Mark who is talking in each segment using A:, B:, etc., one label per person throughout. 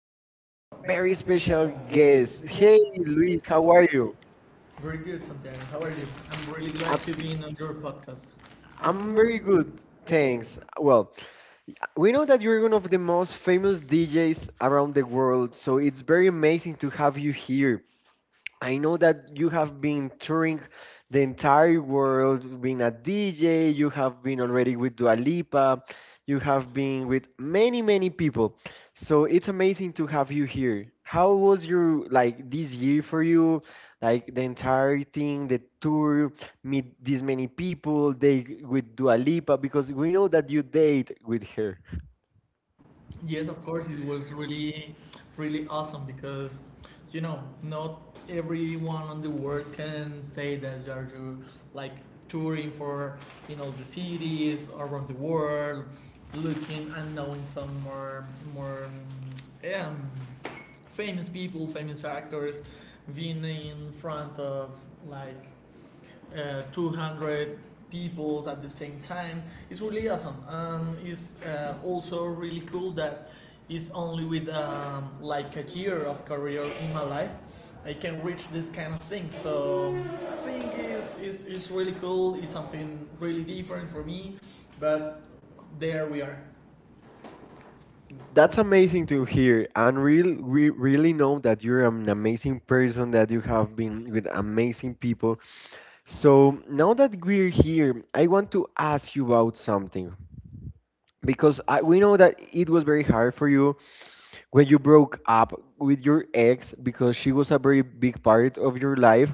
A: today
B: today we
A: we have
B: have
A: a
B: a very
A: very special
B: special guest.
A: guest.
B: Henry,
A: Hey Luis,
B: how
A: how
B: are
A: are
B: you?
A: you?
B: Very good, Santiago. How are you? I'm really glad
A: I'm,
B: to be in on your podcast. I'm
A: I'm
B: very
A: very good,
B: good, thanks.
A: thanks. Well, we know that you're one of the most famous DJs around the world, so it's very amazing to have you here. I know that you have been touring the entire world, being a DJ, you have been already with Dua Lipa, you have been with many, many people. So it's amazing to have you here. How was your like this year for you? Like the entire thing, the tour, meet these many people, they with Dua Lipa, because we know that you date with her.
B: Yes, of course, it was really awesome because, not everyone on the world can say that you are you, like touring for in all the cities around the world, looking and knowing some more, um, famous people, famous actors, being in front of like 200 people at the same time. It's really awesome. And it's also really cool that it's only with like a year of career in my life I can reach this kind of thing. So I think it's really cool. It's something really different for me. But there we are.
A: That's
B: That's
A: amazing
B: amazing to
A: to
B: hear.
A: hear, and real, we really know that you're an amazing person, that you have been with amazing people. So now that we're here, I want to ask you about something because I, we know that it was very hard for you when you broke up with your ex because she was a very big part of your life.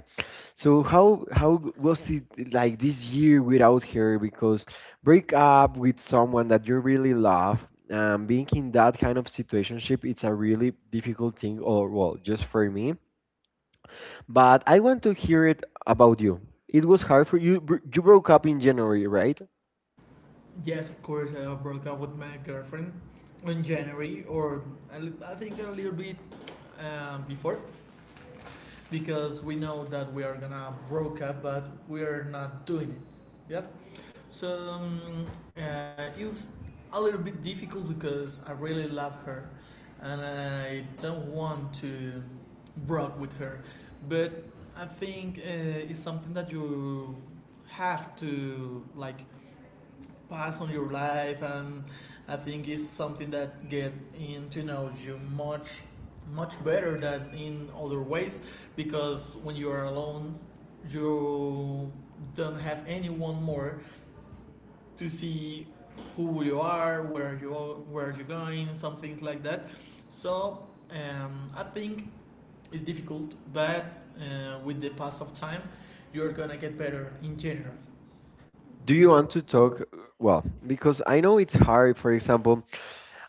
A: So how was it like this year without her? Because break up with someone that you really love, being in that kind of situationship, it's a really difficult thing. Or well, just for me. But I want to hear it about you. It was hard for you. You broke up in January, right?
B: Yes, of course, I broke up with my girlfriend in January, or I think a little bit before, because we know that we are gonna broke up, but we are not doing it. Yes, so it's a little bit difficult because I really love her, and I don't want to broke with her, but I think it's something that you have to like pass on your life. And I think it's something that get in to know you much much better than in other ways, because when you are alone you don't have anyone more to see who you are, where you are, where you're going, something like that. So I think it's difficult, but with the pass of time you're gonna get better in general.
A: Do
B: Do
A: you
B: you
A: want
B: want
A: to
B: to
A: talk?
B: talk?
A: Well, because I know it's hard. For example,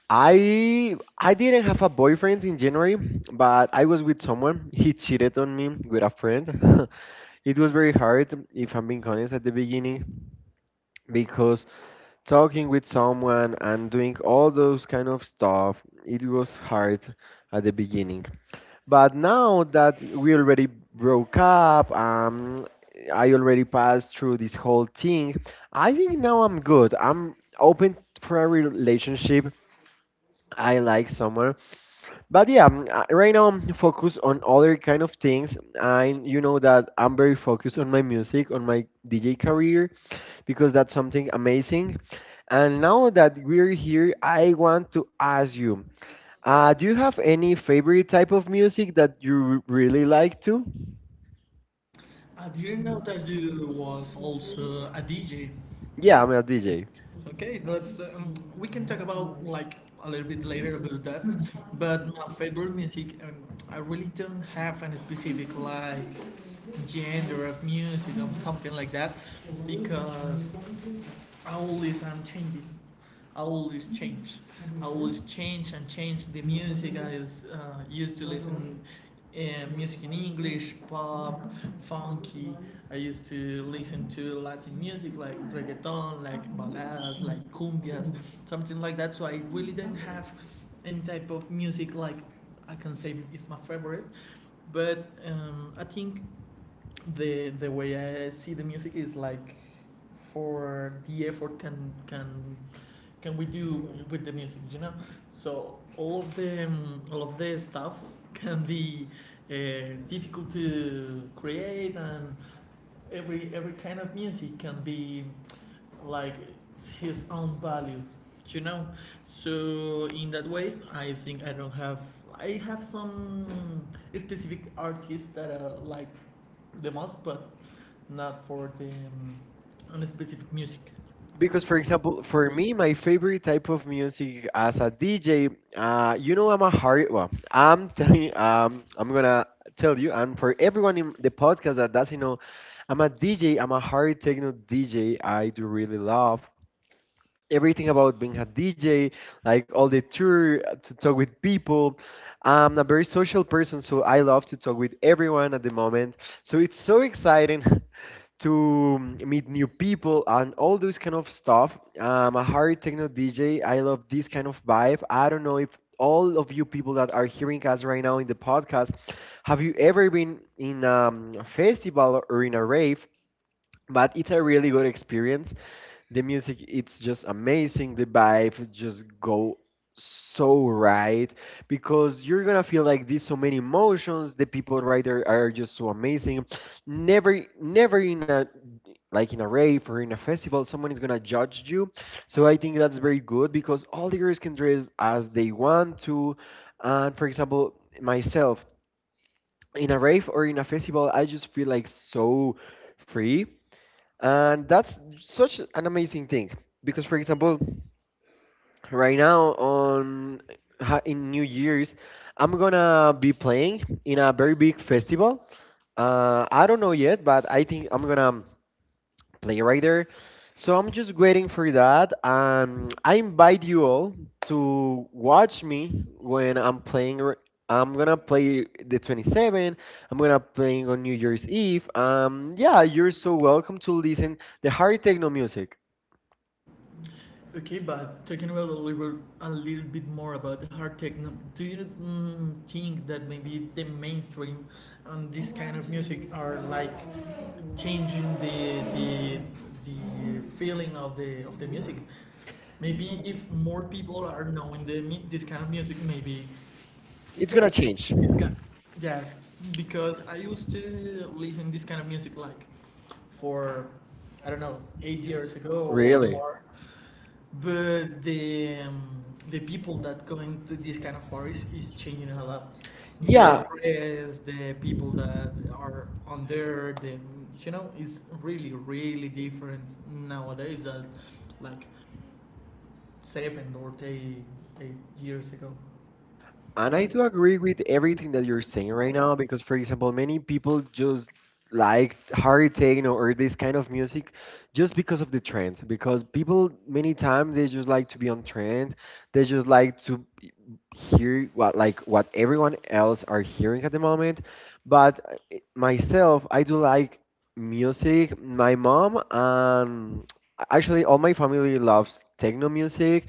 A: I didn't have a boyfriend in January, but I was with someone. He cheated on me with a friend. It was very hard, if I'm being honest, at the beginning because talking with someone and doing all those kind of stuff, it was hard at the beginning. But now that we already broke up, I already passed through this whole thing. I think now I'm good. I'm open for a relationship. I like someone, but yeah, right now I'm focused on other kind of things. I you know that I'm very focused on my music, on my DJ career, because that's something amazing. And now that we're here, I want to ask you, do you have any favorite type of music that you really like to?
B: I didn't know that you was also a DJ.
A: Yeah,
B: Yeah.
A: I'm a DJ.
B: Okay, let's we can talk about like a little bit later about that. But my favorite music, I really don't have any specific like genre of music or something like that, because I always am changing. I always change. I always change and change the music I is, used to listen. Music in English, pop, funky. I used to listen to Latin music like reggaeton, like baladas, like cumbias, something like that. So I really do not have any type of music like I can say is my favorite. But I think the way I see the music is like for the effort can we do with the music, you know. So all of the stuffs can be difficult to create, and every kind of music can be like his own value, you know. So in that way I think I don't have, I have some specific artists that I like the most, but not for the on specific music.
A: Because,
B: Because,
A: for
B: for example,
A: example, for
B: for me,
A: me, my favorite type of music as a DJ, you know, I'm a hard. Well, I'm telling, I'm gonna tell you, and for everyone in the podcast that doesn't know, I'm a DJ. I'm a hard techno DJ. I do really love everything about being a DJ, like all the tour to talk with people. I'm a very social person, so I love to talk with everyone at the moment. So it's so exciting to meet new people and all those kind of stuff. I'm a hard techno DJ. I love this kind of vibe. I don't know if all of you people that are hearing us right now in the podcast, have you ever been in a festival or in a rave? But it's a really good experience. The music it's just amazing. The vibe just go so right because you're gonna feel like this so many emotions. The people right there are just so amazing. Never, never in a like in a rave or in a festival, someone is gonna judge you. So I think that's very good because all the girls can dress as they want to. And for example, myself in a rave or in a festival, I just feel like so free, and that's such an amazing thing because, for example, right now on in New Year's, I'm gonna be playing in a very big festival. I don't know yet, but I think I'm gonna play right there. So I'm just waiting for that. I invite you all to watch me when I'm playing. I'm gonna play the 27th. I'm gonna playing on New Year's Eve. Yeah, you're so welcome to listen the hard techno music.
B: okay, but talking about a little bit more about the hard techno, do you think that maybe the mainstream and this kind of music are like changing the feeling of the music? Maybe if more people are knowing this kind of music, maybe
A: It's
B: it's
A: gonna
B: gonna change.
A: change.
B: It's ki- yes, because I used to listen this kind of music like for, I don't know, 8 years ago or, Really?,
A: Really?
B: more. But the people that going to this kind of parties is changing a lot. The,
A: Yeah,
B: Yeah., dress, the people that are on there, the, you know, is really really different nowadays. That like seven or eight, 8 years ago.
A: and
B: And
A: I
B: I
A: do
B: think
A: agree
B: really
A: with
B: everything
A: everything that you're
B: you're seeing
A: saying right
B: right
A: now
B: now.
A: because, for example, many people just like hard techno or this kind of music just because of the trend. Because people, many times, they just like to be on trend. They just like to hear what like what everyone else are hearing at the moment. But myself, I do like music. My mom and actually all my family loves techno music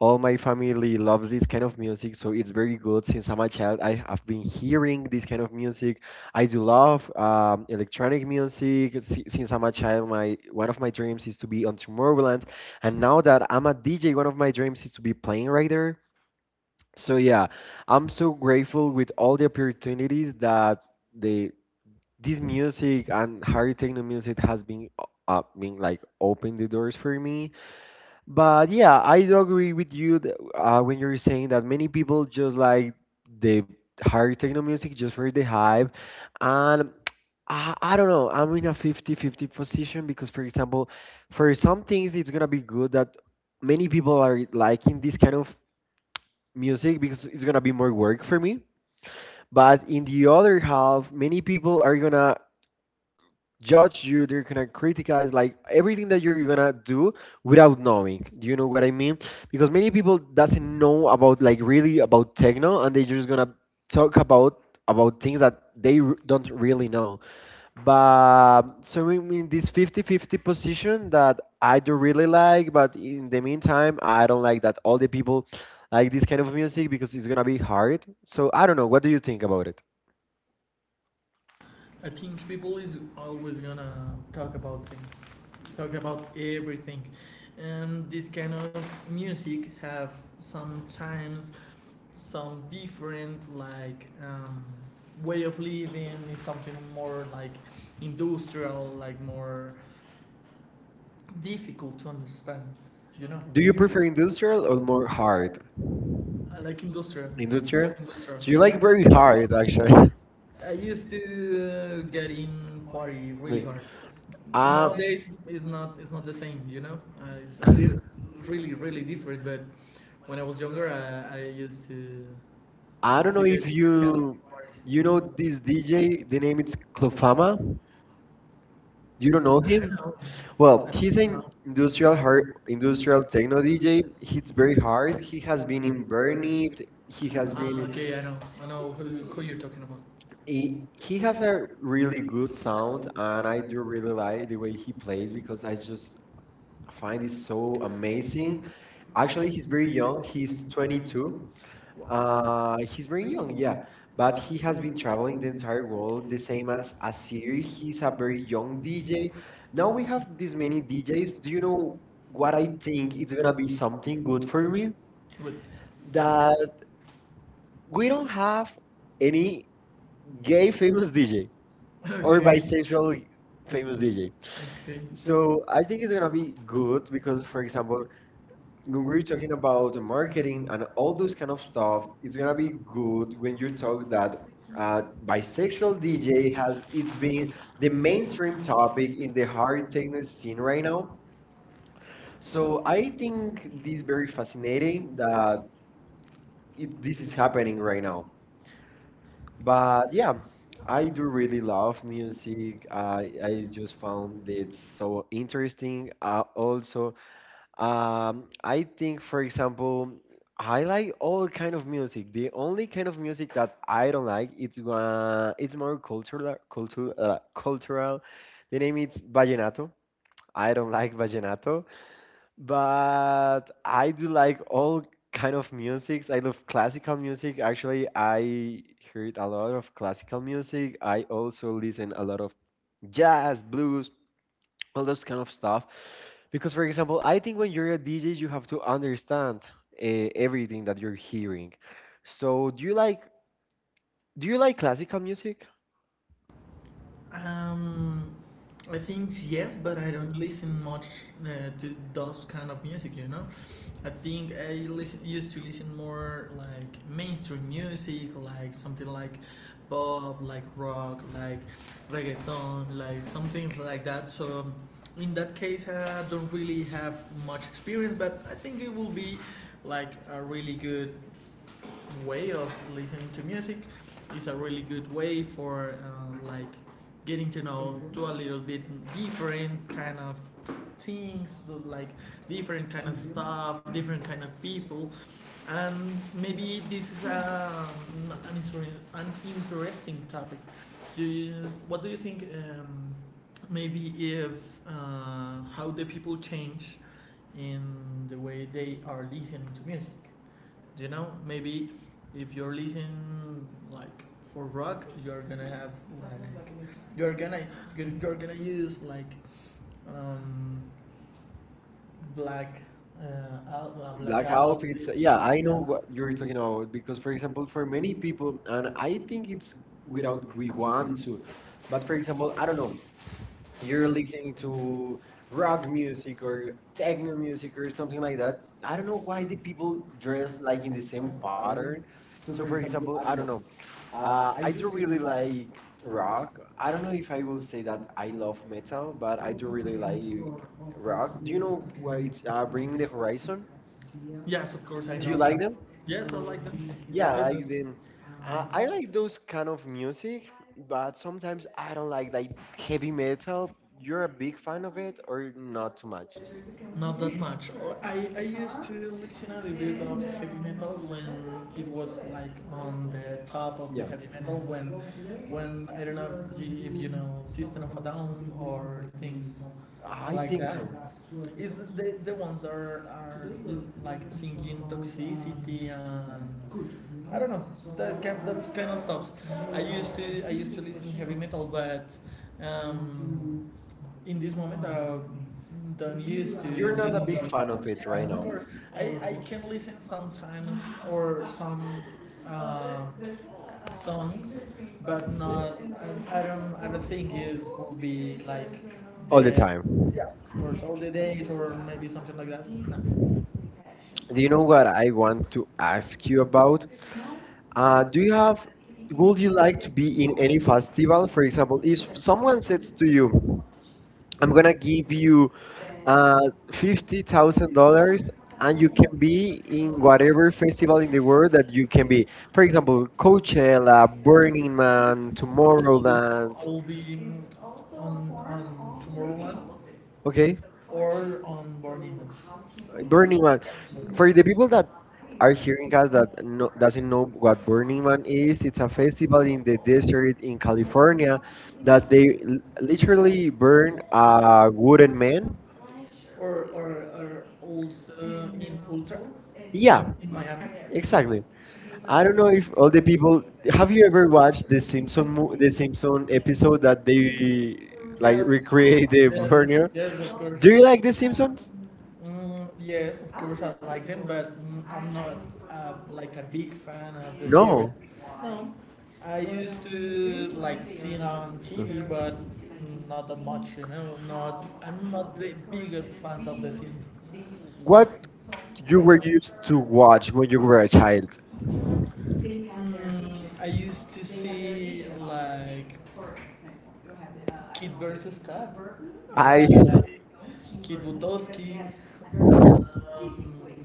A: all my family loves this kind of music, so it's very good. Since I'm a child, I have been hearing this kind of music. I do love electronic music. Since I'm a child, my one of my dreams is to be on Tomorrowland, and now that I'm a DJ, one of my dreams is to be playing right there. So yeah, I'm so grateful with all the opportunities that the this music and higher techno music has been like opened the doors for me, but yeah, I do agree with you that, when you're saying that many people just like the hard techno music just for the hype. And I don't know, I'm in a 50-50 position because, for example, for some things it's gonna be good that many people are liking this kind of music because it's gonna be more work for me. But in the other half, many people are gonna judge you, they're gonna criticize like everything that you're gonna do without knowing, do you know what I mean? Because many people doesn't know about like really about techno, and they're just gonna talk about things that they don't really know. But so in this 50-50 position that I do really like, but in the meantime I don't like that all the people like this kind of music because it's gonna be hard. So I don't know, what do you think about it?
B: I think people is always gonna talk about things, talk about everything, and this kind of music have sometimes some different like way of living, is something more like industrial, like more difficult to understand. You know,
A: Do
B: do
A: you
B: you
A: prefer
B: prefer industrial
A: industrial or
B: or
A: more
B: more
A: hard?
B: hard? I like industrial,
A: Industrial.
B: Industrial?, industrial.
A: So you
B: So you
A: like
B: like
A: very
B: hard.
A: hard, actually.
B: I used to get in party really
A: Wait.
B: hard. Ah,
A: Um,
B: nowadays, it's not the same, you know. It's really really different. But when I was younger, I used to,
A: I
B: I
A: don't
B: to
A: know
B: get in
A: if
B: this kind, you of don't parties.
A: you
B: You
A: know
B: know
A: this
B: this DJ
A: DJ. The name is
B: named
A: Klofama.
B: Kofama.
A: You
B: You
A: don't
B: don't
A: know
B: know. I don't
A: him?
B: know.
A: Well,
B: Well, I think
A: he's
B: it's an
A: an
B: not
A: industrial
B: industrial
A: hard,
B: mar-
A: industrial
B: industrial
A: techno
B: technology.
A: DJ. He's
B: It's
A: very
B: very
A: hard.
B: hard.
A: He
B: He
A: has
B: has
A: been
B: been
A: in
B: in
A: Bernie.
B: Bernie.
A: He
B: He has
A: has
B: Ah, been.
A: been.
B: Okay, I know. I know who you're talking about. He,
A: He
B: he
A: has
B: has
A: a
B: a
A: really
B: really
A: good
B: good
A: sound,
B: sound,
A: and
B: and
A: I
B: I
A: do
B: do
A: really
B: really
A: like
B: like
A: the
B: the
A: way
B: way
A: he
B: he
A: plays
B: plays
A: because
B: because
A: I
B: I
A: just
B: just
A: find it
B: find is so
A: so amazing.
B: amazing.
A: Actually,
B: Actually,
A: he's
B: he's
A: very
B: very
A: young.
B: young.
A: He's
B: He's
A: 22.
B: 22. Wow. Uh,
A: He's
B: he's
A: very
B: very
A: young,
B: young,
A: yeah,
B: yeah.
A: but
B: But
A: he
B: he
A: has
B: has
A: been
B: been
A: traveling the
B: traveling the
A: entire
B: entire
A: world,
B: world,
A: the
B: the same
A: same as
B: as
A: Asir.
B: Asir.
A: He's
B: He's
A: a
B: a
A: very
B: very
A: young
B: young DJ.
A: DJ. Now
B: Now
A: we
B: we
A: have
B: have
A: this
B: this
A: many
B: many
A: DJs.
B: DJs.
A: Do you
B: You
A: know
B: know
A: what
B: what
A: I
B: I
A: think
B: think
A: it's
B: it's
A: gonna
B: gonna
A: be
B: be
A: something
B: something
A: good
B: good for
A: for
B: me?
A: me?
B: Good. That
A: That we
B: we
A: don't
B: don't
A: have
B: have any
A: any gay
B: gay famous
A: famous
B: DJ
A: DJ
B: or,
A: or
B: Okay.,
A: bisexual
B: bisexual
A: famous
B: famous DJ.
A: DJ.
B: Okay.
A: So
B: So
A: I
B: I
A: think
B: think
A: it's
B: it's
A: gonna
B: gonna
A: be
B: be
A: good
B: good because,
A: because, for
B: for
A: example,
B: example,
A: when
B: when
A: we're
B: we're talking
A: talking about
B: about
A: the marketing
B: marketing and
A: and all
B: all
A: those
B: this
A: kind
B: kind
A: of
B: of
A: stuff,
B: stuff,
A: it's
B: it's
A: gonna
B: gonna
A: be
B: be
A: good
B: good
A: when
B: when
A: you
B: you
A: talk
B: talk
A: that
B: that uh, bisexual
A: bisexual DJ
B: DJ has
A: has it's
B: is
A: been the
B: the
A: mainstream
B: mainstream
A: topic
B: topic
A: in
B: is
A: the
B: the
A: hard
B: hard thing
A: techno
B: to
A: scene
B: see
A: right
B: right
A: now.
B: now.
A: So
B: So I
A: I
B: think
A: think this
B: it
A: is
B: is
A: very
B: very fascinating
A: fascinating that
B: that
A: it,
B: it,
A: this
B: this
A: is
B: is
A: happening
B: happening
A: right
B: right now.
A: now. But
B: But
A: yeah,
B: yeah, I
A: I do
B: do
A: really
B: really love
A: love
B: music.
A: music.
B: I,
A: I
B: I
A: I
B: just
A: just
B: found
A: found it
B: it.
A: so interesting. Also, um, I think, for example, I like all kind of music. The only kind of music that I don't like it's more cultural, cultural, cultural. The name is vallenato. I don't like vallenato, but I do like all kind of musics. I love classical music. Actually, I heard a lot of classical music. I also listen a lot of jazz, blues, all those kind of stuff. Because, for example, I think when you're a DJ, you have to understand uh, everything that you're hearing. So, do you like classical music?
B: Um, I think yes, but I don't listen much to those kind of music. You know, I think I listen, used to listen more like mainstream music, like something like pop, like rock, like reggaeton, like something like that. So in that case, I don't really have much experience, but I think it will be like a really good way of listening to music, is a really good way for like getting to know to a little bit different kind of things, so like different kind of stuff, different kind of people. And maybe this is a, an, inter- an interesting topic. Do you, what do you think maybe if how the people change in the way they are listening to music. You know, maybe if you're listening like for rock, you're gonna have like, you're gonna, you're, gonna use like um black uh al- black, like,
A: Black
B: out. I'll
A: outfits.
B: it's,
A: Yeah,
B: yeah, I
A: I
B: yeah
A: know what you're
B: agree to
A: talking
B: know.
A: about because,
B: Because,
A: for
B: for example,
A: example, for
B: for many
A: many people,
B: people, I,
A: and
B: I
A: I
B: think
A: think it's
B: it's
A: without
B: without
A: we
B: with one,
A: want to,
B: two.
A: but
B: But,
A: for
B: for
A: example,
B: example,
A: I
B: I
A: don't
B: don't
A: know,
B: know,
A: you're
B: yearly
A: listening to
B: to
A: rock
B: rock music
A: music or
B: or techno
A: techno
B: music
A: music or
B: or
A: something
B: something like
A: like that.
B: that. I
A: I don't
B: don't
A: know
B: know why
A: why the
B: the
A: people
B: people
A: dress
B: dress like
A: like in
B: in the
A: the
B: same
A: same pattern.
B: pattern. So
A: So, for
B: for
A: example,
B: example,
A: I
B: I
A: don't
B: don't know.
A: know.
B: I
A: I do
B: do
A: really
B: really like
A: like rock.
B: rock.
A: I
B: I
A: don't
B: don't
A: know
B: know if
A: if
B: I
A: I will
B: will
A: say
B: say that
A: that I
B: I
A: love
B: love
A: metal,
B: metal,
A: but
B: but
A: I
B: I
A: do
B: do
A: really
B: really like
A: like rock.
B: rock.
A: Do you
B: You know
A: know
B: why
A: where it's
B: it's not
A: Bring Me
B: really
A: the
B: correction?
A: Horizon?
B: Yes, of course, I.
A: Do
B: Do you
A: you
B: know
A: like
B: like that?
A: them?
B: Yes, I like them.
A: Yeah,
B: Yeah,
A: I
B: Yes, like,
A: like
B: yes.
A: them.
B: I,
A: I like those kind of music, but sometimes I don't like heavy metal. You're a big fan of it or not too much?
B: not that much. Or I used to listen a little bit of heavy metal when it was like on the top of the
A: Yeah.
B: heavy metal when, I don't know if you know System of a Down or things
A: I
B: like
A: think
B: that.
A: so.
B: Is the ones that are like singing toxicity and I don't know that kind, that's kind of stops. I used to listen heavy metal, but um, in this moment I don't used to.
A: You're
B: You're
A: not
B: less
A: a
B: listening
A: big fan of
B: identified.
A: it
B: Yes,
A: right
B: of
A: now.
B: course. I can listen sometimes or some uh, songs, but not. I don't. I don't think it will be like all the.
A: All the
B: the.
A: time.
B: Yes, of course, all the days or maybe something like that. No.
A: Do
B: Do
A: you
B: you
A: know
B: know
A: what
B: what I
A: I
B: would
A: want to
B: ask
A: ask you
B: you
A: about?
B: about?
A: Do
B: Do
A: you
B: you have,
A: have, would
B: would you
A: you like
B: like
A: to
B: to
A: be
B: be
A: in
B: in
A: any
B: any
A: festival?
B: festival?
A: For
B: For
A: example,
B: example, if
A: if someone
B: someone
A: says
B: says to
A: to
B: you,
A: you, I'm
B: I'm gonna
A: gonna
B: give
A: give you
B: you uh,
A: uh,
B: fifty
A: fifty thousand
B: thousand dollars,
A: dollars, and
B: and you
A: you
B: can
A: can be
B: do
A: in
B: whatever
A: whatever
B: you
A: festival
B: want
A: in the world
B: that
A: that you
B: you can
A: can be.
B: do.
A: For
B: For example,
A: example, Coachella,
B: Coachella,
A: Burning
B: Arena,
A: Man,
B: or I
A: Tomorrowland.
B: will be on Tomorrowland, okay,
A: Okay,
B: or on Burning Man.
A: Burning Man.
B: For
A: For the
B: example,
A: people that are hearing us
B: Arquibancada
A: that no, doesn't
B: Brasil
A: know what Burning Man is, it's
B: Paraíba
A: a festival in the desert in
B: California,
A: California that
B: that
A: they
B: they
A: literally
B: literally
A: burn
B: burn,
A: a wooden man.
B: or or, or also in ultra.
A: Yeah,
B: Yeah, in Miami. Exactly.
A: exactly. I
B: I
A: don't know if all the people, have
B: have
A: you
B: you
A: ever
B: ever
A: watched
B: watched
A: the
B: the
A: Simpson
B: Simpson,
A: mo- the
B: the
A: Simpson
B: Simpson
A: episode that they
B: episode.
A: like
B: Yes, that
A: recreate the
B: they- yes,
A: Vernier?
B: yes, of course. Do
A: Do
B: you
A: you like
B: like
A: the
B: the Simpsons?
A: Simpsons?
B: Yes, of course I like them, but am not prefer like a big fan of the series.
A: No.
B: No, I used to like we see it on
A: Uh.
B: TV, but not that much, you know. Not I'm not the biggest fan of the Simpsons.
A: What
B: What you
A: you were
B: were
A: used to
B: to watch
A: watch when
B: when
A: you
B: you
A: were
B: were.
A: a child?
B: Mm, I used to see like Kid versus Kat,
A: I.
B: like Kid Butowski. Um,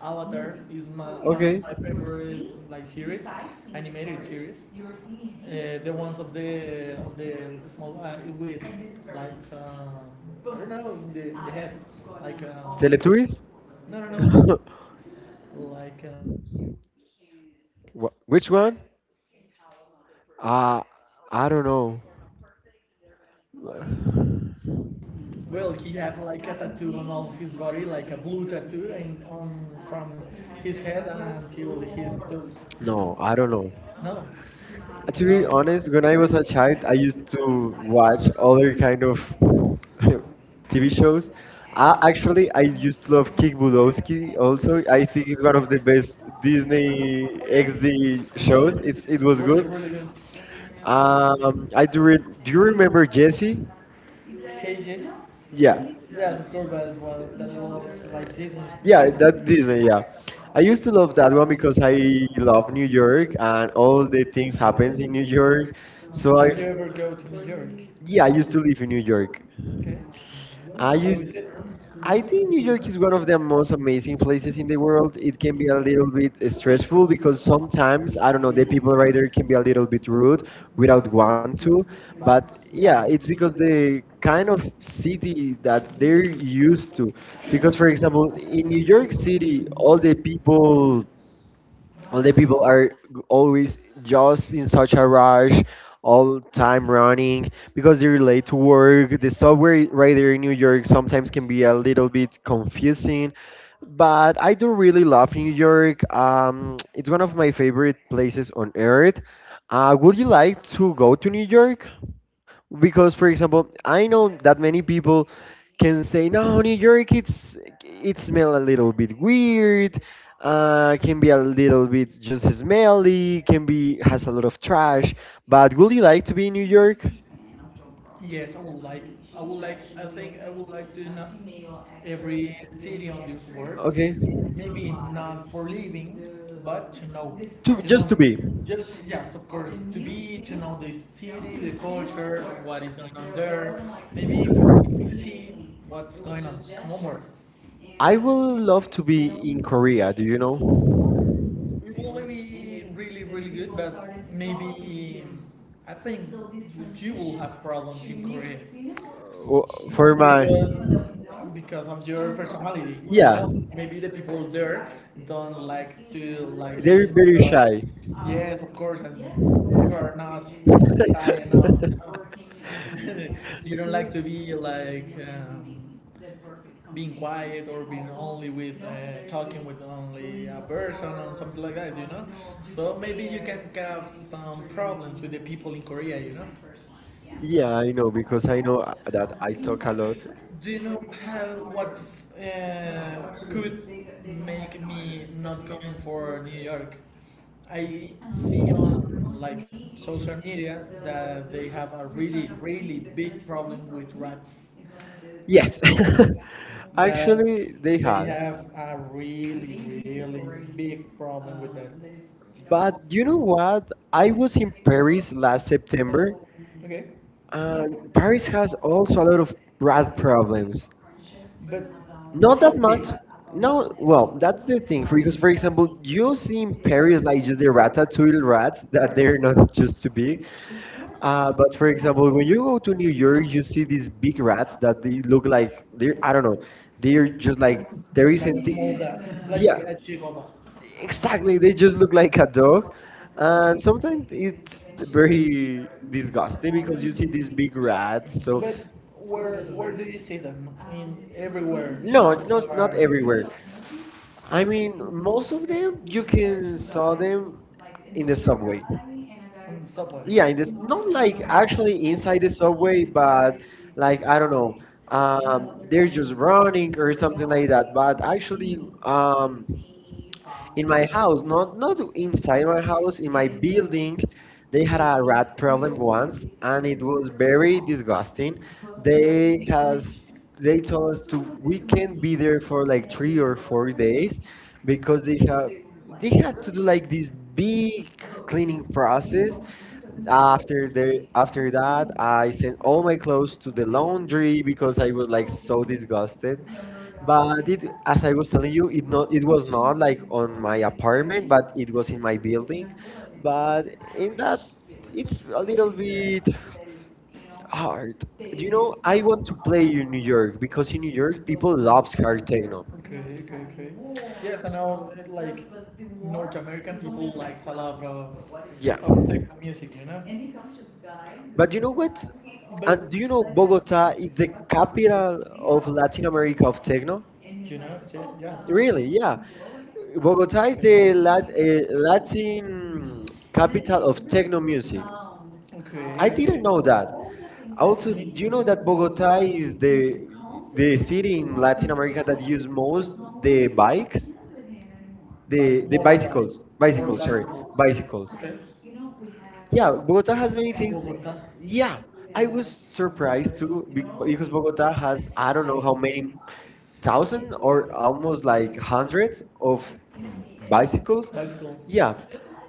B: Avatar is my one of
A: Okay.
B: my favorite like series, animated series. You Uh, the ones of the small guy with like um, I don't know in the head like uh,
A: Teletubbies?
B: no no no like uh,
A: Which one? Uh, I don't know.
B: well, he had like a tattoo on all his body, like a blue tattoo, and on from his head until his toes.
A: No,
B: No,
A: I
B: I
A: don't know.
B: don't know. No, To
A: To be
B: be Wow.
A: honest,
B: honest,
A: when
B: when
A: I
B: I
A: was
B: was
A: a
B: a child,
A: child, I
B: I
A: used
B: used
A: to
B: to
A: watch
B: watch all
A: other
B: these
A: kind
B: kind
A: of
B: of
A: TV
B: TV
A: shows.
B: shows.
A: I,
B: I actually,
A: actually, I
B: I
A: used to
B: used to
A: love
B: love
A: Kick
B: heroes,
A: Budowski also.
B: heroes,
A: I
B: I
A: think
B: used
A: it's
B: to
A: one of
B: love
A: the
B: this
A: best
B: Disney.
A: Disney
B: Okay.
A: XD
B: It's,
A: shows.
B: shows.
A: It's
B: It's
A: it was
B: really,
A: good.
B: really good. Um,
A: I
B: I
A: do. Re
B: do,
A: Do you
B: do
A: remember
B: remember this
A: Jesse?
B: it's a Cages? No.
A: Yeah,
B: Yeah. Yes, of course, but as well, in that John was Doerr's like first Disney. And
A: yeah,
B: Yeah, Disney. Stuff.
A: that
B: That is- it.
A: Disney. Yeah,
B: Yeah.
A: I
B: I
A: used to
B: used to go
A: love that
B: that
A: one
B: one
A: because
B: because
A: I
B: I
A: love
B: love
A: New
B: New
A: York
B: York
A: and
B: and all
A: all the
B: the things.
A: things
B: Okay. I
A: happens in
B: in
A: New
B: New
A: York.
B: York. So
A: So I.
B: have I- you ever go to New York?
A: Yeah, I
B: Yeah, I
A: used
B: used
A: to
B: to live
A: live in
B: in
A: New
B: New York.
A: York.
B: Okay.
A: I
B: I
A: used.
B: was it?
A: I
B: I
A: think New York is one of
B: without
A: the most amazing places in the world. It can be a little bit stressful because sometimes, I don't know, the people right there can be a little bit rude without want to. But
B: but
A: yeah,
B: yeah,
A: it's
B: it's
A: because
B: because they
A: the kind
B: kind
A: of
B: of see things
A: city
B: that
A: that they're
B: very loose.
A: used to. Because
B: Because
A: for
B: for
A: example,
B: example,
A: in New York City, all
B: all
A: the
B: these people,
A: people, all the
B: the
A: people
B: people
A: are
B: are.
A: always just in such a rush, all time running because they're late to work. The subway right there in New York sometimes can be a little bit confusing, but I do really love New York. It's one of my favorite places on earth. Would you like to go to New York, because, for example, I know that many people can say, "No, New York, it smell a little bit weird, can be a little bit just smelly, can be has a lot of trash." But would you like to be in New York?
B: Yes, I would like. I would like. I think I would like to know every city on this world.
A: Okay,
B: Maybe not for living, but to know.
A: to
B: You know,
A: just
B: just
A: to
B: to
A: be.
B: be. Just yes, of course, to be to know the city, the culture, what is going on there. Maybe to see what's going on. No more. I
A: I
B: would
A: would love
B: love
A: to
B: to be
A: be in
B: in Korea.
A: Korea. Do you
B: You
A: know?
B: know, it will be really, really good, but maybe I think so you will have problems in Korea
A: Uh, For my
B: because because of your personality. Yeah. You
A: Yeah.
B: know, maybe the people there don't like to like they
A: They're
B: be
A: very
B: really so.
A: shy.
B: Yes, of course, and yeah, you are not. High enough, you know? You don't like to be like being quiet or being only with talking with only a person or something like that, you know. So maybe you can have some problems with the people in Korea, you know. Yeah,
A: Yeah,
B: like,
A: I know because
B: I
A: I know
B: was that.
A: that
B: I
A: I
B: was
A: talk a
B: kind
A: lot.
B: of- do you know how what could make me not going for New York? I see on like social media that they have a really, really big problem with rats. Yes.
A: Yes,
B: I that
A: actually, they
B: feel they
A: has.
B: have a really, really big problem with that. But
A: But you
B: you
A: know
B: know what?
A: what?
B: I
A: I
B: was
A: was in
B: very
A: Paris last
B: last.
A: September,
B: Okay.
A: and
B: There
A: Paris
B: is
A: has
B: also
A: also a lot of
B: rat
A: rat
B: problems
A: problems.
B: friendship, but about no, but
A: Not that
B: hobbies.
A: much.
B: Not, about no,
A: No,
B: like,
A: well,
B: well, that's
A: that's the
B: the thing.
A: thing.
B: I
A: Because, for
B: for
A: example,
B: example,
A: you
B: you'll see
A: see in
B: that very
A: Paris like
B: like
A: just the
B: Eurats and
A: ratatouille
B: Eurats
A: rats that
B: that
A: they're
B: they're
A: not
B: not to
A: just too
B: speak.
A: big.
B: If yours, but
A: But
B: you for
A: for
B: had example, to,
A: example, when
B: when you
A: you go
B: go
A: to
B: to
A: New
B: the Europe,
A: York,
B: you
A: you
B: see
A: see
B: these
A: these big
B: big rats
A: rats that
B: that
A: they look
B: look like
A: like they're,
B: they're,
A: I
B: I
A: don't
B: don't know,
A: know, they're
B: they're
A: just
B: like,
A: like there
B: they're like
A: isn't.
B: like,
A: The,
B: Moda, like
A: yeah,
B: yeah, a Chihuahua. Exactly,
A: exactly. They
B: they
A: just
B: just
A: look
B: look like
A: like a dog.
B: cattle.
A: And
B: And so
A: sometimes it's
B: it's very
A: very disgusting
B: disgusting
A: because
B: because
A: you
B: you
A: see
B: see
A: these
B: these
A: big
B: big
A: rats.
B: rags. So.
A: So
B: But where do you see them? I mean, everywhere. No,
A: no,
B: like,
A: not
B: or-
A: everywhere.
B: I
A: I
B: mean,
A: mean, most
B: most
A: of them
B: you
A: you
B: can
A: can saw
B: find it
A: them in
B: in the
A: the
B: subway.
A: subway.
B: On the subway.
A: Yeah,
B: Yeah,
A: in
B: it's
A: this not
B: not
A: like
B: like actually
A: actually inside
B: inside
A: the
B: the
A: subway,
B: subway, but
A: but like
B: like I
A: I don't
B: don't know,
A: know, they're
B: due to
A: just
B: drowning
A: running or
B: or something
A: something like
B: like
A: that.
B: that.
A: But
B: But
A: actually,
B: actually,
A: um, in
B: in my
A: my
B: house,
A: house,
B: not
A: not inside
B: inside
A: my
B: my
A: house,
B: house,
A: in
B: in my
A: my building,
B: building,
A: they
B: they
A: had
B: had
A: a
B: a
A: rat
B: rat
A: problem
B: problem
A: once,
B: once, and
A: and
B: it
A: it was
B: was very
A: very disgusting.
B: disgusting. They
A: They
B: had
A: has they
B: they told
A: told us
B: us
A: to
B: we
A: we can't
B: can't be
A: be there
B: there for
A: for like
B: like
A: three
B: three
A: or
B: or four
A: four days
B: days
A: because
B: because they
A: they
B: had
A: have
B: they
A: they had to
B: had
A: do like
B: like this
A: this
B: big
A: big cleaning
B: cleaning process.
A: process. After
B: After
A: the after
B: after
A: that,
B: that
A: I
B: I said
A: sent all my
B: always
A: clothes
B: close
A: to
B: to
A: the
B: the laundry
A: laundry
B: because
A: because I
B: I
A: was
B: was
A: like
B: like so
A: so
B: disgusted.
A: disgusted.
B: But
A: But
B: it,
A: it,
B: as
A: as
B: I
A: I was
B: was
A: telling you,
B: cleaning, it,
A: it not
B: not,
A: it
B: it
A: was
B: was
A: not
B: not
A: like
B: like for
A: on
B: my
A: my apartment,
B: apartment,
A: but
B: but
A: it
B: it
A: was
B: was
A: in
B: in my
A: my
B: building.
A: building. But
B: But for
A: in that,
B: that, it's
A: it's a
B: a little
A: little
B: bit.
A: bit
B: That is, you know, how
A: hard. You
B: you
A: know,
B: know, I
A: I
B: won't
A: want to play
B: complain
A: in
B: in
A: New
B: New
A: York
B: York because
A: because in
B: in
A: New
B: New
A: York
B: York people
A: people
B: love
A: loves hard
B: her there.
A: techno.
B: Okay, okay, okay. Yes, I know, like North American people likes a lot of,
A: Yeah,
B: yeah, of techno music, you know.
A: but
B: But
A: you
B: you
A: know
B: know,
A: what?
B: this But
A: And
B: But
A: do you
B: you
A: know
B: know,
A: Bogota
B: Bogota,
A: is
B: the
A: the
B: capital
A: capital of
B: of
A: Latin
B: Latin
A: America
B: America,
A: of techno?
B: and you know, like, so, "Oh, yes. Really?
A: Really? Yeah.
B: Yeah. Bogota, is
A: Bogota is the
B: the Lat- Latin
A: Latin capital
B: capital
A: of
B: of
A: techno
B: technology.
A: music.
B: Profound. Okay, I
A: I
B: okay. Didn't
A: didn't know
B: know
A: that.
B: that. I was
A: Also,
B: need to
A: do you know
B: know
A: that
B: that
A: Bogota
B: Bogota is
A: is
B: the
A: the
B: the city
A: city in
B: in
A: Latin
B: Latin
A: America
B: America
A: that
B: that gives
A: use most
B: most no
A: the
B: the bike,
A: bikes,
B: concerned the
A: the
B: more bike, bicycles,
A: bicycles,
B: more bicycle,
A: bicycles. Sorry,
B: bicycle, bicycle,
A: bicycles.
B: like, okay.
A: Yeah,
B: Yeah,
A: Bogota
B: Bogota.
A: has many
B: Is-
A: things.
B: Bogota. Yeah,
A: Yeah, I
B: I
A: was
B: was
A: surprised
B: surprised too you know,
A: because
B: because
A: Bogota
B: Bogota has
A: has I
B: I
A: don't
B: don't
A: know how
B: know how
A: many
B: many thousands
A: thousand
B: or
A: or almost
B: almost
A: like
B: like
A: hundreds
B: hundreds
A: of
B: of bicycles.
A: bicycles.
B: Bicycles. Yeah.
A: Yeah,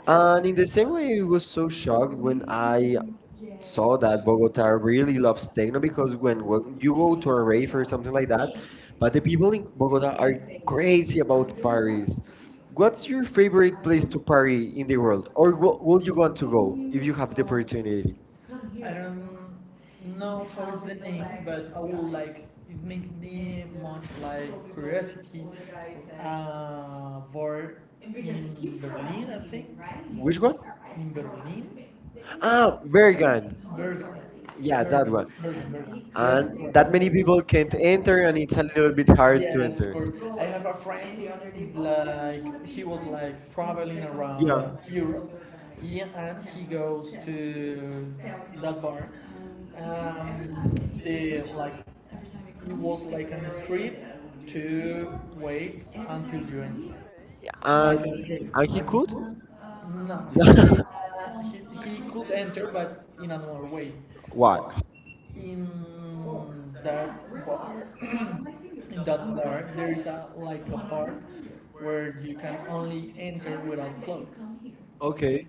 A: and in the same
B: Suddenly
A: way, I
B: it was
A: was so
B: too
A: shocked
B: shocked
A: when I
B: I
A: saw
B: saw that
A: that
B: both
A: Bogota
B: are
A: really
B: really
A: loves
B: obstinate
A: techno
B: because
A: because when,
B: they're
A: when
B: working
A: you
B: you
A: go to a
B: will parade
A: rave or
B: or
A: something
B: something
A: like
B: like
A: that,
B: that.
A: but
B: But
A: the
B: the
A: people
B: people
A: in
B: in Bogota
A: Bogota are
B: are
A: crazy
B: crazy
A: about
B: about parties.
A: Paris. What's
B: What's
A: your
B: your favorite
A: favorite place
B: place
A: to
B: to party
A: party in
B: in
A: the
B: the
A: world,
B: world? Or
A: or
B: wh-
A: will
B: would
A: you
B: you
A: want
B: want to
A: to
B: go
A: go if
B: if
A: you
B: you have the
A: have the opportunity?
B: opportunity? I don't know. No, how is the name? But I would like it makes me much like curiosity for in Berlin, I think. Right?
A: Which
B: Which one?
A: one?
B: In Berlin?
A: Ah,
B: Oh, there
A: Bergen.
B: you go. Yeah,
A: Yeah,
B: that
A: that
B: Bourbon,
A: one.
B: one. Bourbon, bourbon. Yes,
A: And
B: of course.
A: that
B: That
A: many
B: many
A: people
B: people
A: can't
B: take
A: enter, and
B: Twitter
A: it's a little bit
B: and are
A: hard to
B: yes, of
A: enter.
B: course. I have a friend, like, he was like traveling around
A: Yeah.
B: yeah, Europe, yeah, and he goes to that bar. Um, the like, it was like on a street to wait until you enter, like
A: And
B: a street.
A: and he
B: And he
A: could?
B: could. No, he did. Uh, he, he could enter, but in another way.
A: Why?
B: Why? In that yeah, bar, in that bar, there is a like a part where you can only enter without clothes. Okay.
A: Okay.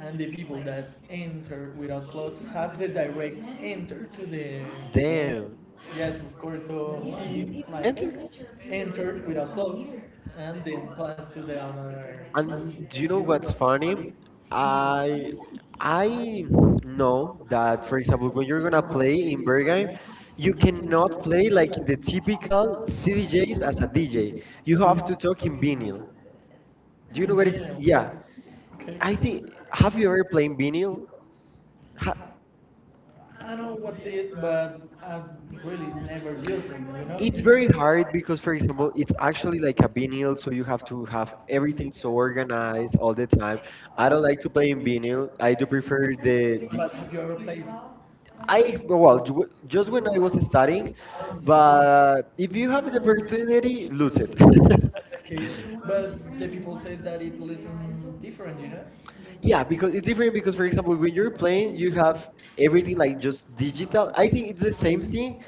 B: And the people like, that enter without clothes have the direct enter to the damn.
A: Damn.
B: Yes, of course. So yeah, he like
A: And do-
B: entered without clothes and then passed to the other.
A: and
B: And you
A: do you
B: do
A: know
B: you know
A: what's
B: what's
A: funny?
B: funny? Your- like
A: I
B: I
A: I
B: you
A: know that for
B: for
A: example
B: example,
A: when
B: when
A: you're
B: you're
A: gonna
B: going to
A: play
B: play
A: in
B: in
A: Bergheim,
B: Bergen,
A: you
B: you
A: cannot
B: cannot
A: play
B: play
A: like in
B: like
A: the
B: in the
A: typical
B: typical city
A: CDJs
B: days
A: as a
B: as a
A: DJ.
B: DJ.
A: You
B: You
A: have
B: have
A: to
B: to
A: talk
B: talk
A: in
B: in
A: vinyl.
B: bingo. Yes.
A: Do you
B: No.
A: know
B: You
A: what is?
B: realize,
A: Yeah,
B: yeah. Okay.
A: I
B: I
A: think.
B: think,
A: Have you
B: have you
A: ever
B: heard
A: played in
B: from the
A: vinyl?
B: Beatles? I know what's it, but I really never use it, you know?
A: It's
B: It's
A: very
B: very
A: hard
B: hard
A: because, for
B: because, for
A: example,
B: example,
A: it's
B: it's
A: actually
B: actually
A: like a
B: like a
A: vinyl,
B: videos
A: so
B: so
A: you
B: you
A: have
B: have
A: to
B: to
A: have
B: have
A: everything
B: everything
A: so
B: organized
A: organized
B: all
A: all the time.
B: the time.
A: I
B: I
A: don't
B: don't
A: like
B: like
A: to play
B: to
A: in
B: do it
A: vinyl. I
B: I
A: do
B: do
A: prefer the,
B: different with
A: the
B: but have you ever played?
A: I
B: I
A: well
B: grew
A: just
B: just
A: when
B: when
A: I
B: I
A: was
B: was
A: studying,
B: studying, I was like,
A: but if
B: if
A: you
B: you
A: have the
B: don't ever do
A: opportunity, lose
B: produce
A: it.
B: it okay, but the people say that it listen different, you know?
A: Yeah,
B: Yeah,
A: because it's
B: because
A: different
B: different is the
A: because, for
B: reason
A: example, when
B: with
A: you're
B: your
A: playing,
B: brain
A: you
B: you
A: have
B: have
A: everything
B: everything
A: like
B: like
A: just
B: just
A: digital.
B: digital.
A: I
B: I
A: think
B: think
A: it's the
B: it's the
A: same
B: same
A: thing,
B: thing,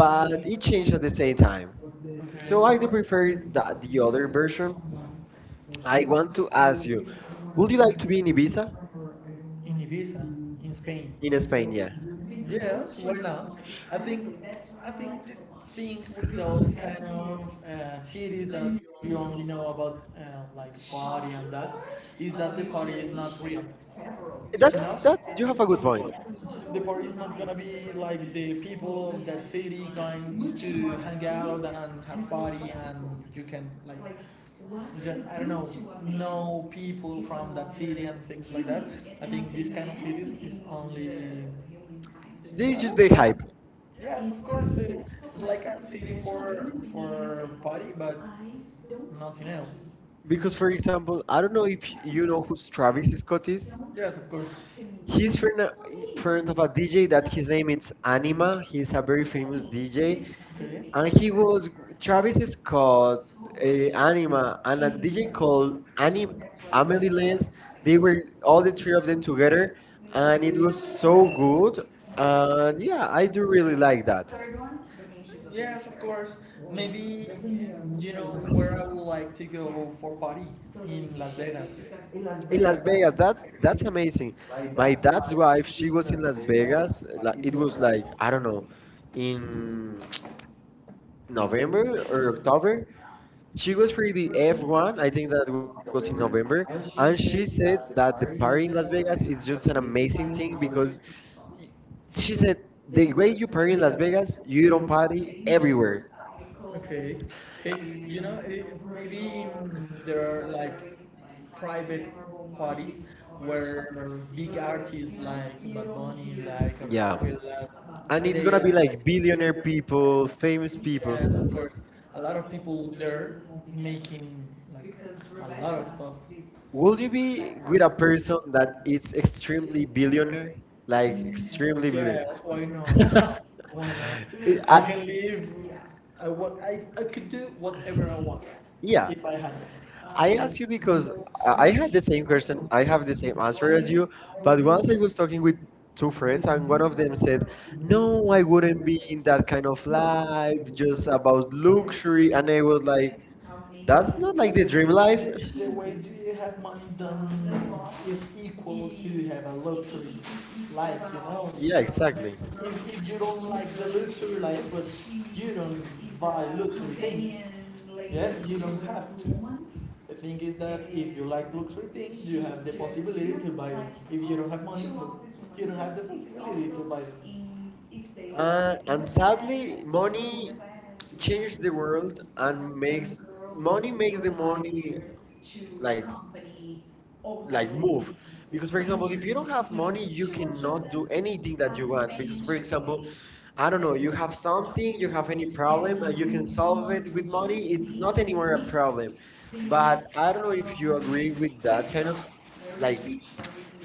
B: but we
A: it changed
B: change
A: at
B: the
A: the same
B: data.
A: time.
B: Okay.
A: So
B: So
A: I do
B: I
A: prefer
B: prefer
A: that
B: that
A: the
B: the
A: other
B: other version.
A: version. I
B: I
A: want
B: want
A: to
B: to
A: ask
B: ask
A: you,
B: you,
A: would
B: would
A: you
B: you
A: like
B: like
A: to
B: to
A: be
B: be
A: in
B: in
A: Ibiza?
B: Ibiza? In Ibiza, in Spain.
A: In
B: In
A: Spain,
B: Spain.
A: yeah.
B: Yes, why not? I think I think like the so thing with those kind of cities that you only know about like party and that is that the party is not real.
A: That's
B: You know,
A: that. You have a good point.
B: the party is not gonna be like the people of that city going to hang out and have party and you can like what I don't know people from that city and things like that. I think this kind of man series is only-
A: This is
B: this
A: just
B: is
A: the
B: the
A: hype.
B: yes, of course. It- it's like a city for party, but nothing else.
A: Because,
B: Because,
A: for
B: for example,
A: example, I
B: I
A: don't know
B: do
A: if
B: you
A: you know
B: know
A: who Travis
B: Travis,
A: Scott is.
B: yes, of course.
A: He's
B: He's
A: friend,
B: for
A: friend of a
B: example, a
A: DJ
B: DJ
A: that his name
B: name is
A: is Anima.
B: Anima,
A: He's
B: he's
A: a
B: a
A: very
B: very
A: famous
B: famous
A: DJ
B: DJ. Okay.
A: and
B: And
A: he
B: he was,
A: was Travis
B: Travis is
A: Scott,
B: called uh,
A: Anima,
B: Anima,
A: and a
B: and a
A: DJ
B: DJ
A: called
B: called
A: Anim,
B: Anima,
A: Amelie
B: Amelie,
A: Lenz.
B: they
A: They were
B: were
A: all
B: all
A: the
B: the
A: three
B: three
A: of
B: of
A: them
B: them
A: together,
B: together,
A: and
B: and
A: it
B: it
A: was
B: was so
A: so good.
B: good.
A: And
B: And
A: yeah,
B: yeah, I
A: I do
B: do
A: really
B: really
A: like
B: like that.
A: that.
B: Third one, the nations of yes, of nature. Course. Maybe you know where I would like to go for party in Las Vegas.
A: In
B: In
A: Las
B: Las
A: Vegas,
B: Vegas,
A: that's
B: that's a
A: that's
B: nice place.
A: amazing. My
B: Like
A: dad's
B: that's why
A: wife,
B: she
A: she was
B: was
A: in
B: in Las
A: Las
B: Vegas.
A: Vegas. Like, it
B: It
A: was
B: was
A: like
B: like
A: I
B: I
A: don't
B: don't
A: know,
B: know, in
A: in
B: November
A: November or
B: or October,
A: October. She
B: she
A: was
B: was
A: for the
B: with everyone.
A: F1, I
B: I
A: think
B: think
A: that
B: that was
A: was in November,
B: November.
A: and
B: And
A: she
B: she
A: said
B: said
A: that
B: that
A: the
B: the
A: party
B: party
A: in
B: in
A: Las
B: Las Vegas
A: Vegas is
B: is
A: just
B: just
A: an
B: an
A: amazing
B: amazing
A: thing
B: thing
A: because
B: because
A: she
B: she
A: said
B: said the
A: the way
B: way
A: you
B: you
A: party
B: party
A: in
B: in
A: Las
B: Las Vegas,
A: Vegas, you
B: you
A: don't
B: don't find
A: party
B: it everywhere.
A: everywhere.
B: Okay. Hey, you know, it- maybe there are like private parties where big artists like Bad Bunny, like
A: Yeah.
B: Arcángel, like-
A: And
B: and
A: it's
B: it's they
A: gonna
B: it's
A: be
B: are. Like
A: like billionaire
B: millionaire
A: people,
B: or
A: famous
B: famous
A: people.
B: yes, people. Of course a lot of people they're making like a lot of stuff. Is
A: Would
B: would
A: you
B: you
A: be
B: that
A: with
B: with
A: a
B: a
A: person
B: person
A: that
B: that
A: is
B: is
A: extremely
B: extremely
A: billionaire?
B: like
A: Like extremely
B: extremely yeah,
A: billionaire.
B: that's why not. Why not?
A: I,
B: Can live. Yeah. I what I could do whatever I want
A: yeah.
B: yeah, if I had it.
A: I
B: I
A: ask
B: ask
A: you because I
B: because
A: I
B: I
A: had the
B: actually
A: same question. I
B: I
A: have the
B: have the
A: same
B: same
A: answer
B: answer
A: as
B: as
A: you.
B: you,
A: But
B: but
A: once
B: one
A: I
B: time we
A: was
B: was
A: talking
B: talking
A: with
B: with
A: two
B: two
A: friends,
B: friends
A: and
B: and
A: one
B: one
A: of
B: of
A: them
B: them
A: said,
B: said,
A: "No,
B: "No,
A: I
B: I
A: wouldn't
B: wouldn't
A: be in
B: do
A: that
B: that
A: kind
B: kind
A: of
B: of life,
A: life,
B: it's
A: just
B: just
A: about
B: about
A: luxury."
B: luxury
A: And
B: and
A: I
B: I
A: was
B: would
A: like,
B: like help me."
A: "That's
B: That's
A: not like
B: like
A: the
B: this
A: dream life."
B: really the way do you have money done is equal to have a luxury life, you know?
A: Yeah,
B: Yeah exactly.
A: exactly.
B: If you don't like the luxury life, but you don't buy luxury things, yeah, you don't have to. The thing is that if you like luxury things, you have the possibility to buy it. If you don't have money, you don't have the possibility to buy it.
A: And
B: And sadly,
A: sadly,
B: money
A: money changes
B: changed
A: the
B: the world
A: world
B: and
A: and
B: makes
A: makes money
B: money
A: makes
B: makes
A: the
B: the world
A: money like like
B: like
A: move
B: you. Because
A: because
B: for
A: for
B: example,
A: example
B: if
A: if
B: you
A: you don't
B: don't
A: have
B: have
A: money
B: money,
A: you
B: you could
A: cannot
B: not
A: do
B: do
A: anything
B: anything
A: that
B: that
A: you
B: you
A: want because
B: want.
A: for
B: For
A: example
B: example,
A: I
B: I
A: don't
B: don't
A: know
B: know,
A: you
B: you
A: have
B: have
A: something
B: something,
A: you
B: you
A: have
B: have
A: any
B: any
A: problem
B: problem,
A: and
B: and
A: you
B: you
A: can
B: can
A: solve
B: solve
A: it
B: it
A: with
B: with money.
A: money
B: It's
A: it's not
B: not
A: anymore
B: anywhere
A: a
B: a
A: problem
B: problem.
A: but
B: But
A: I don't
B: I
A: know
B: don't know
A: if
B: if
A: you
B: you're
A: agree
B: really
A: with that
B: that
A: kind of like
B: like each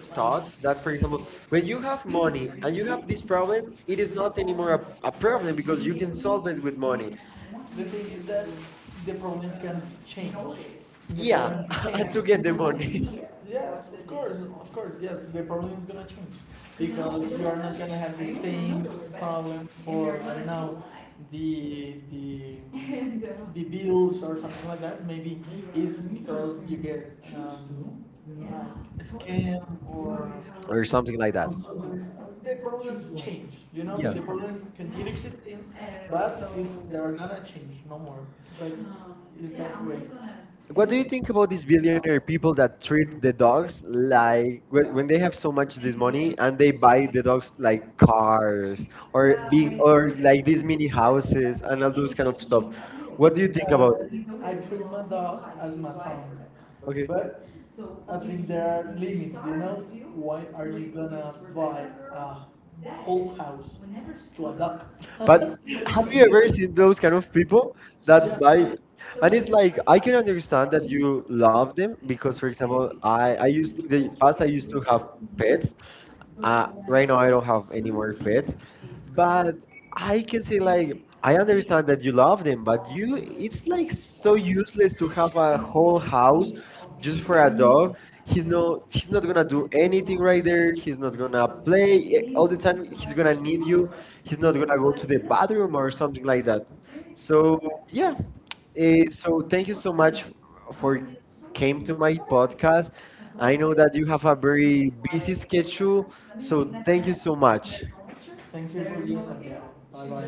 B: thought,
A: thoughts that
B: that
A: for
B: for example,
A: example when
B: when you
A: you have
B: work
A: money
B: morning
A: and
B: and
A: you
B: you
A: have
B: have
A: this
B: this
A: problem
B: problem, it
A: it is
B: is
A: not
B: not
A: anymore
B: anymore a
A: a problem
B: problem, you
A: because you can
B: can
A: solve
B: solve
A: it
B: it
A: with
B: with
A: money.
B: morning. The thing is that the problem can change. The
A: Yeah.
B: problem and change
A: To
B: to
A: get
B: get
A: the
B: the what you
A: money.
B: need. Yes, of course, yes, the problem is gonna change because you are not gonna have the same problem for I don't know the the bills or something like that. Maybe it's because you get yeah, a scam
A: Or
B: or
A: something like
B: something.
A: that.
B: Also the problems change. You know, yeah,
A: Yeah.
B: the problems continue existing, and but so, it's, they are gonna change no more. But it's yeah, that I'm way. Just gonna. You know,
A: What
B: what
A: do
B: do
A: you
B: you think
A: think about
B: about
A: these
B: Europe
A: billionaire people
B: people that
A: that treat
B: treat
A: the
B: dogs
A: dogs
B: like
A: like when
B: when
A: when they
B: they
A: have
B: have
A: so
B: so
A: much this
B: much
A: money
B: money and
A: and they
B: they
A: buy
B: buy
A: the dogs
B: dogs
A: like
B: like cars
A: cars
B: or
A: or being or
B: or
A: like
B: like
A: these
B: these
A: mini
B: little houses
A: houses
B: and
A: and all
B: all
A: those
B: those
A: kind
B: kind
A: of
B: of
A: stuff?
B: stuff?
A: What
B: What
A: do
B: do
A: you
B: you think
A: think about
B: about it? I treat my dog as my son.
A: it?
B: Okay,
A: Okay.
B: but so I think there are limits, you know? Why are you gonna buy a whole house to a duck?
A: But have you ever seen those kind of people that
B: That's
A: buy?
B: true. So I
A: And
B: it is
A: it's like
B: think
A: I can understand
B: start a
A: that
B: YouTube
A: you love
B: blog
A: them because,
B: because
A: for
B: for
A: example,
B: example
A: I
B: I
A: used
B: used to
A: in
B: then
A: the past
B: first
A: I
B: I used
A: used to
B: to
A: have
B: have pets
A: pets.
B: but
A: Right
B: right
A: now
B: on
A: I don't have any more pets,
B: wordsmith. It's but
A: but
B: I
A: I can
B: get
A: say
B: it
A: like
B: like I
A: I
B: understand
A: understand that
B: that
A: you
B: you
A: love
B: love it,
A: them, but
B: but
A: you
B: you
A: it's
B: it's
A: like
B: like
A: so
B: so useless
A: useless to
B: to
A: have
B: have
A: a
B: a
A: whole
B: whole house
A: house
B: just
A: just for
B: for
A: a
B: a
A: dog.
B: dog.
A: He's
B: He's
A: no
B: not
A: he's
B: he's
A: not
B: not
A: gonna
B: gonna
A: do
B: do anything
A: anything right
B: right
A: there.
B: there, he's
A: He's not
B: not gonna
A: gonna play
B: play
A: all
B: all
A: the
B: the
A: time.
B: time
A: He's
B: he's
A: gonna
B: gonna
A: need
B: leave
A: you.
B: you,
A: He's
B: he's
A: not
B: not
A: gonna
B: gonna go
A: go to
B: to
A: the
B: the
A: bathroom
B: bathroom
A: or
B: or
A: something
B: something
A: like
B: like
A: that.
B: that.
A: So
B: So
A: yeah. Eh, so
B: so
A: thank
B: thank
A: you
B: you
A: so
B: so much
A: much
B: for
A: for
B: you
A: came
B: came
A: to
B: to my
A: my podcast.
B: podcast.
A: I
B: I know
A: know that
B: that
A: you
B: you
A: have a
B: have a very
A: very
B: busy
A: busy schedule,
B: schedule,
A: so
B: so
A: thank
B: thank
A: you
B: you
A: so
B: so much.
A: much.
B: No thank you for listening. Bye bye.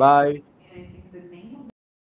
B: Bye. And I think the name of the movement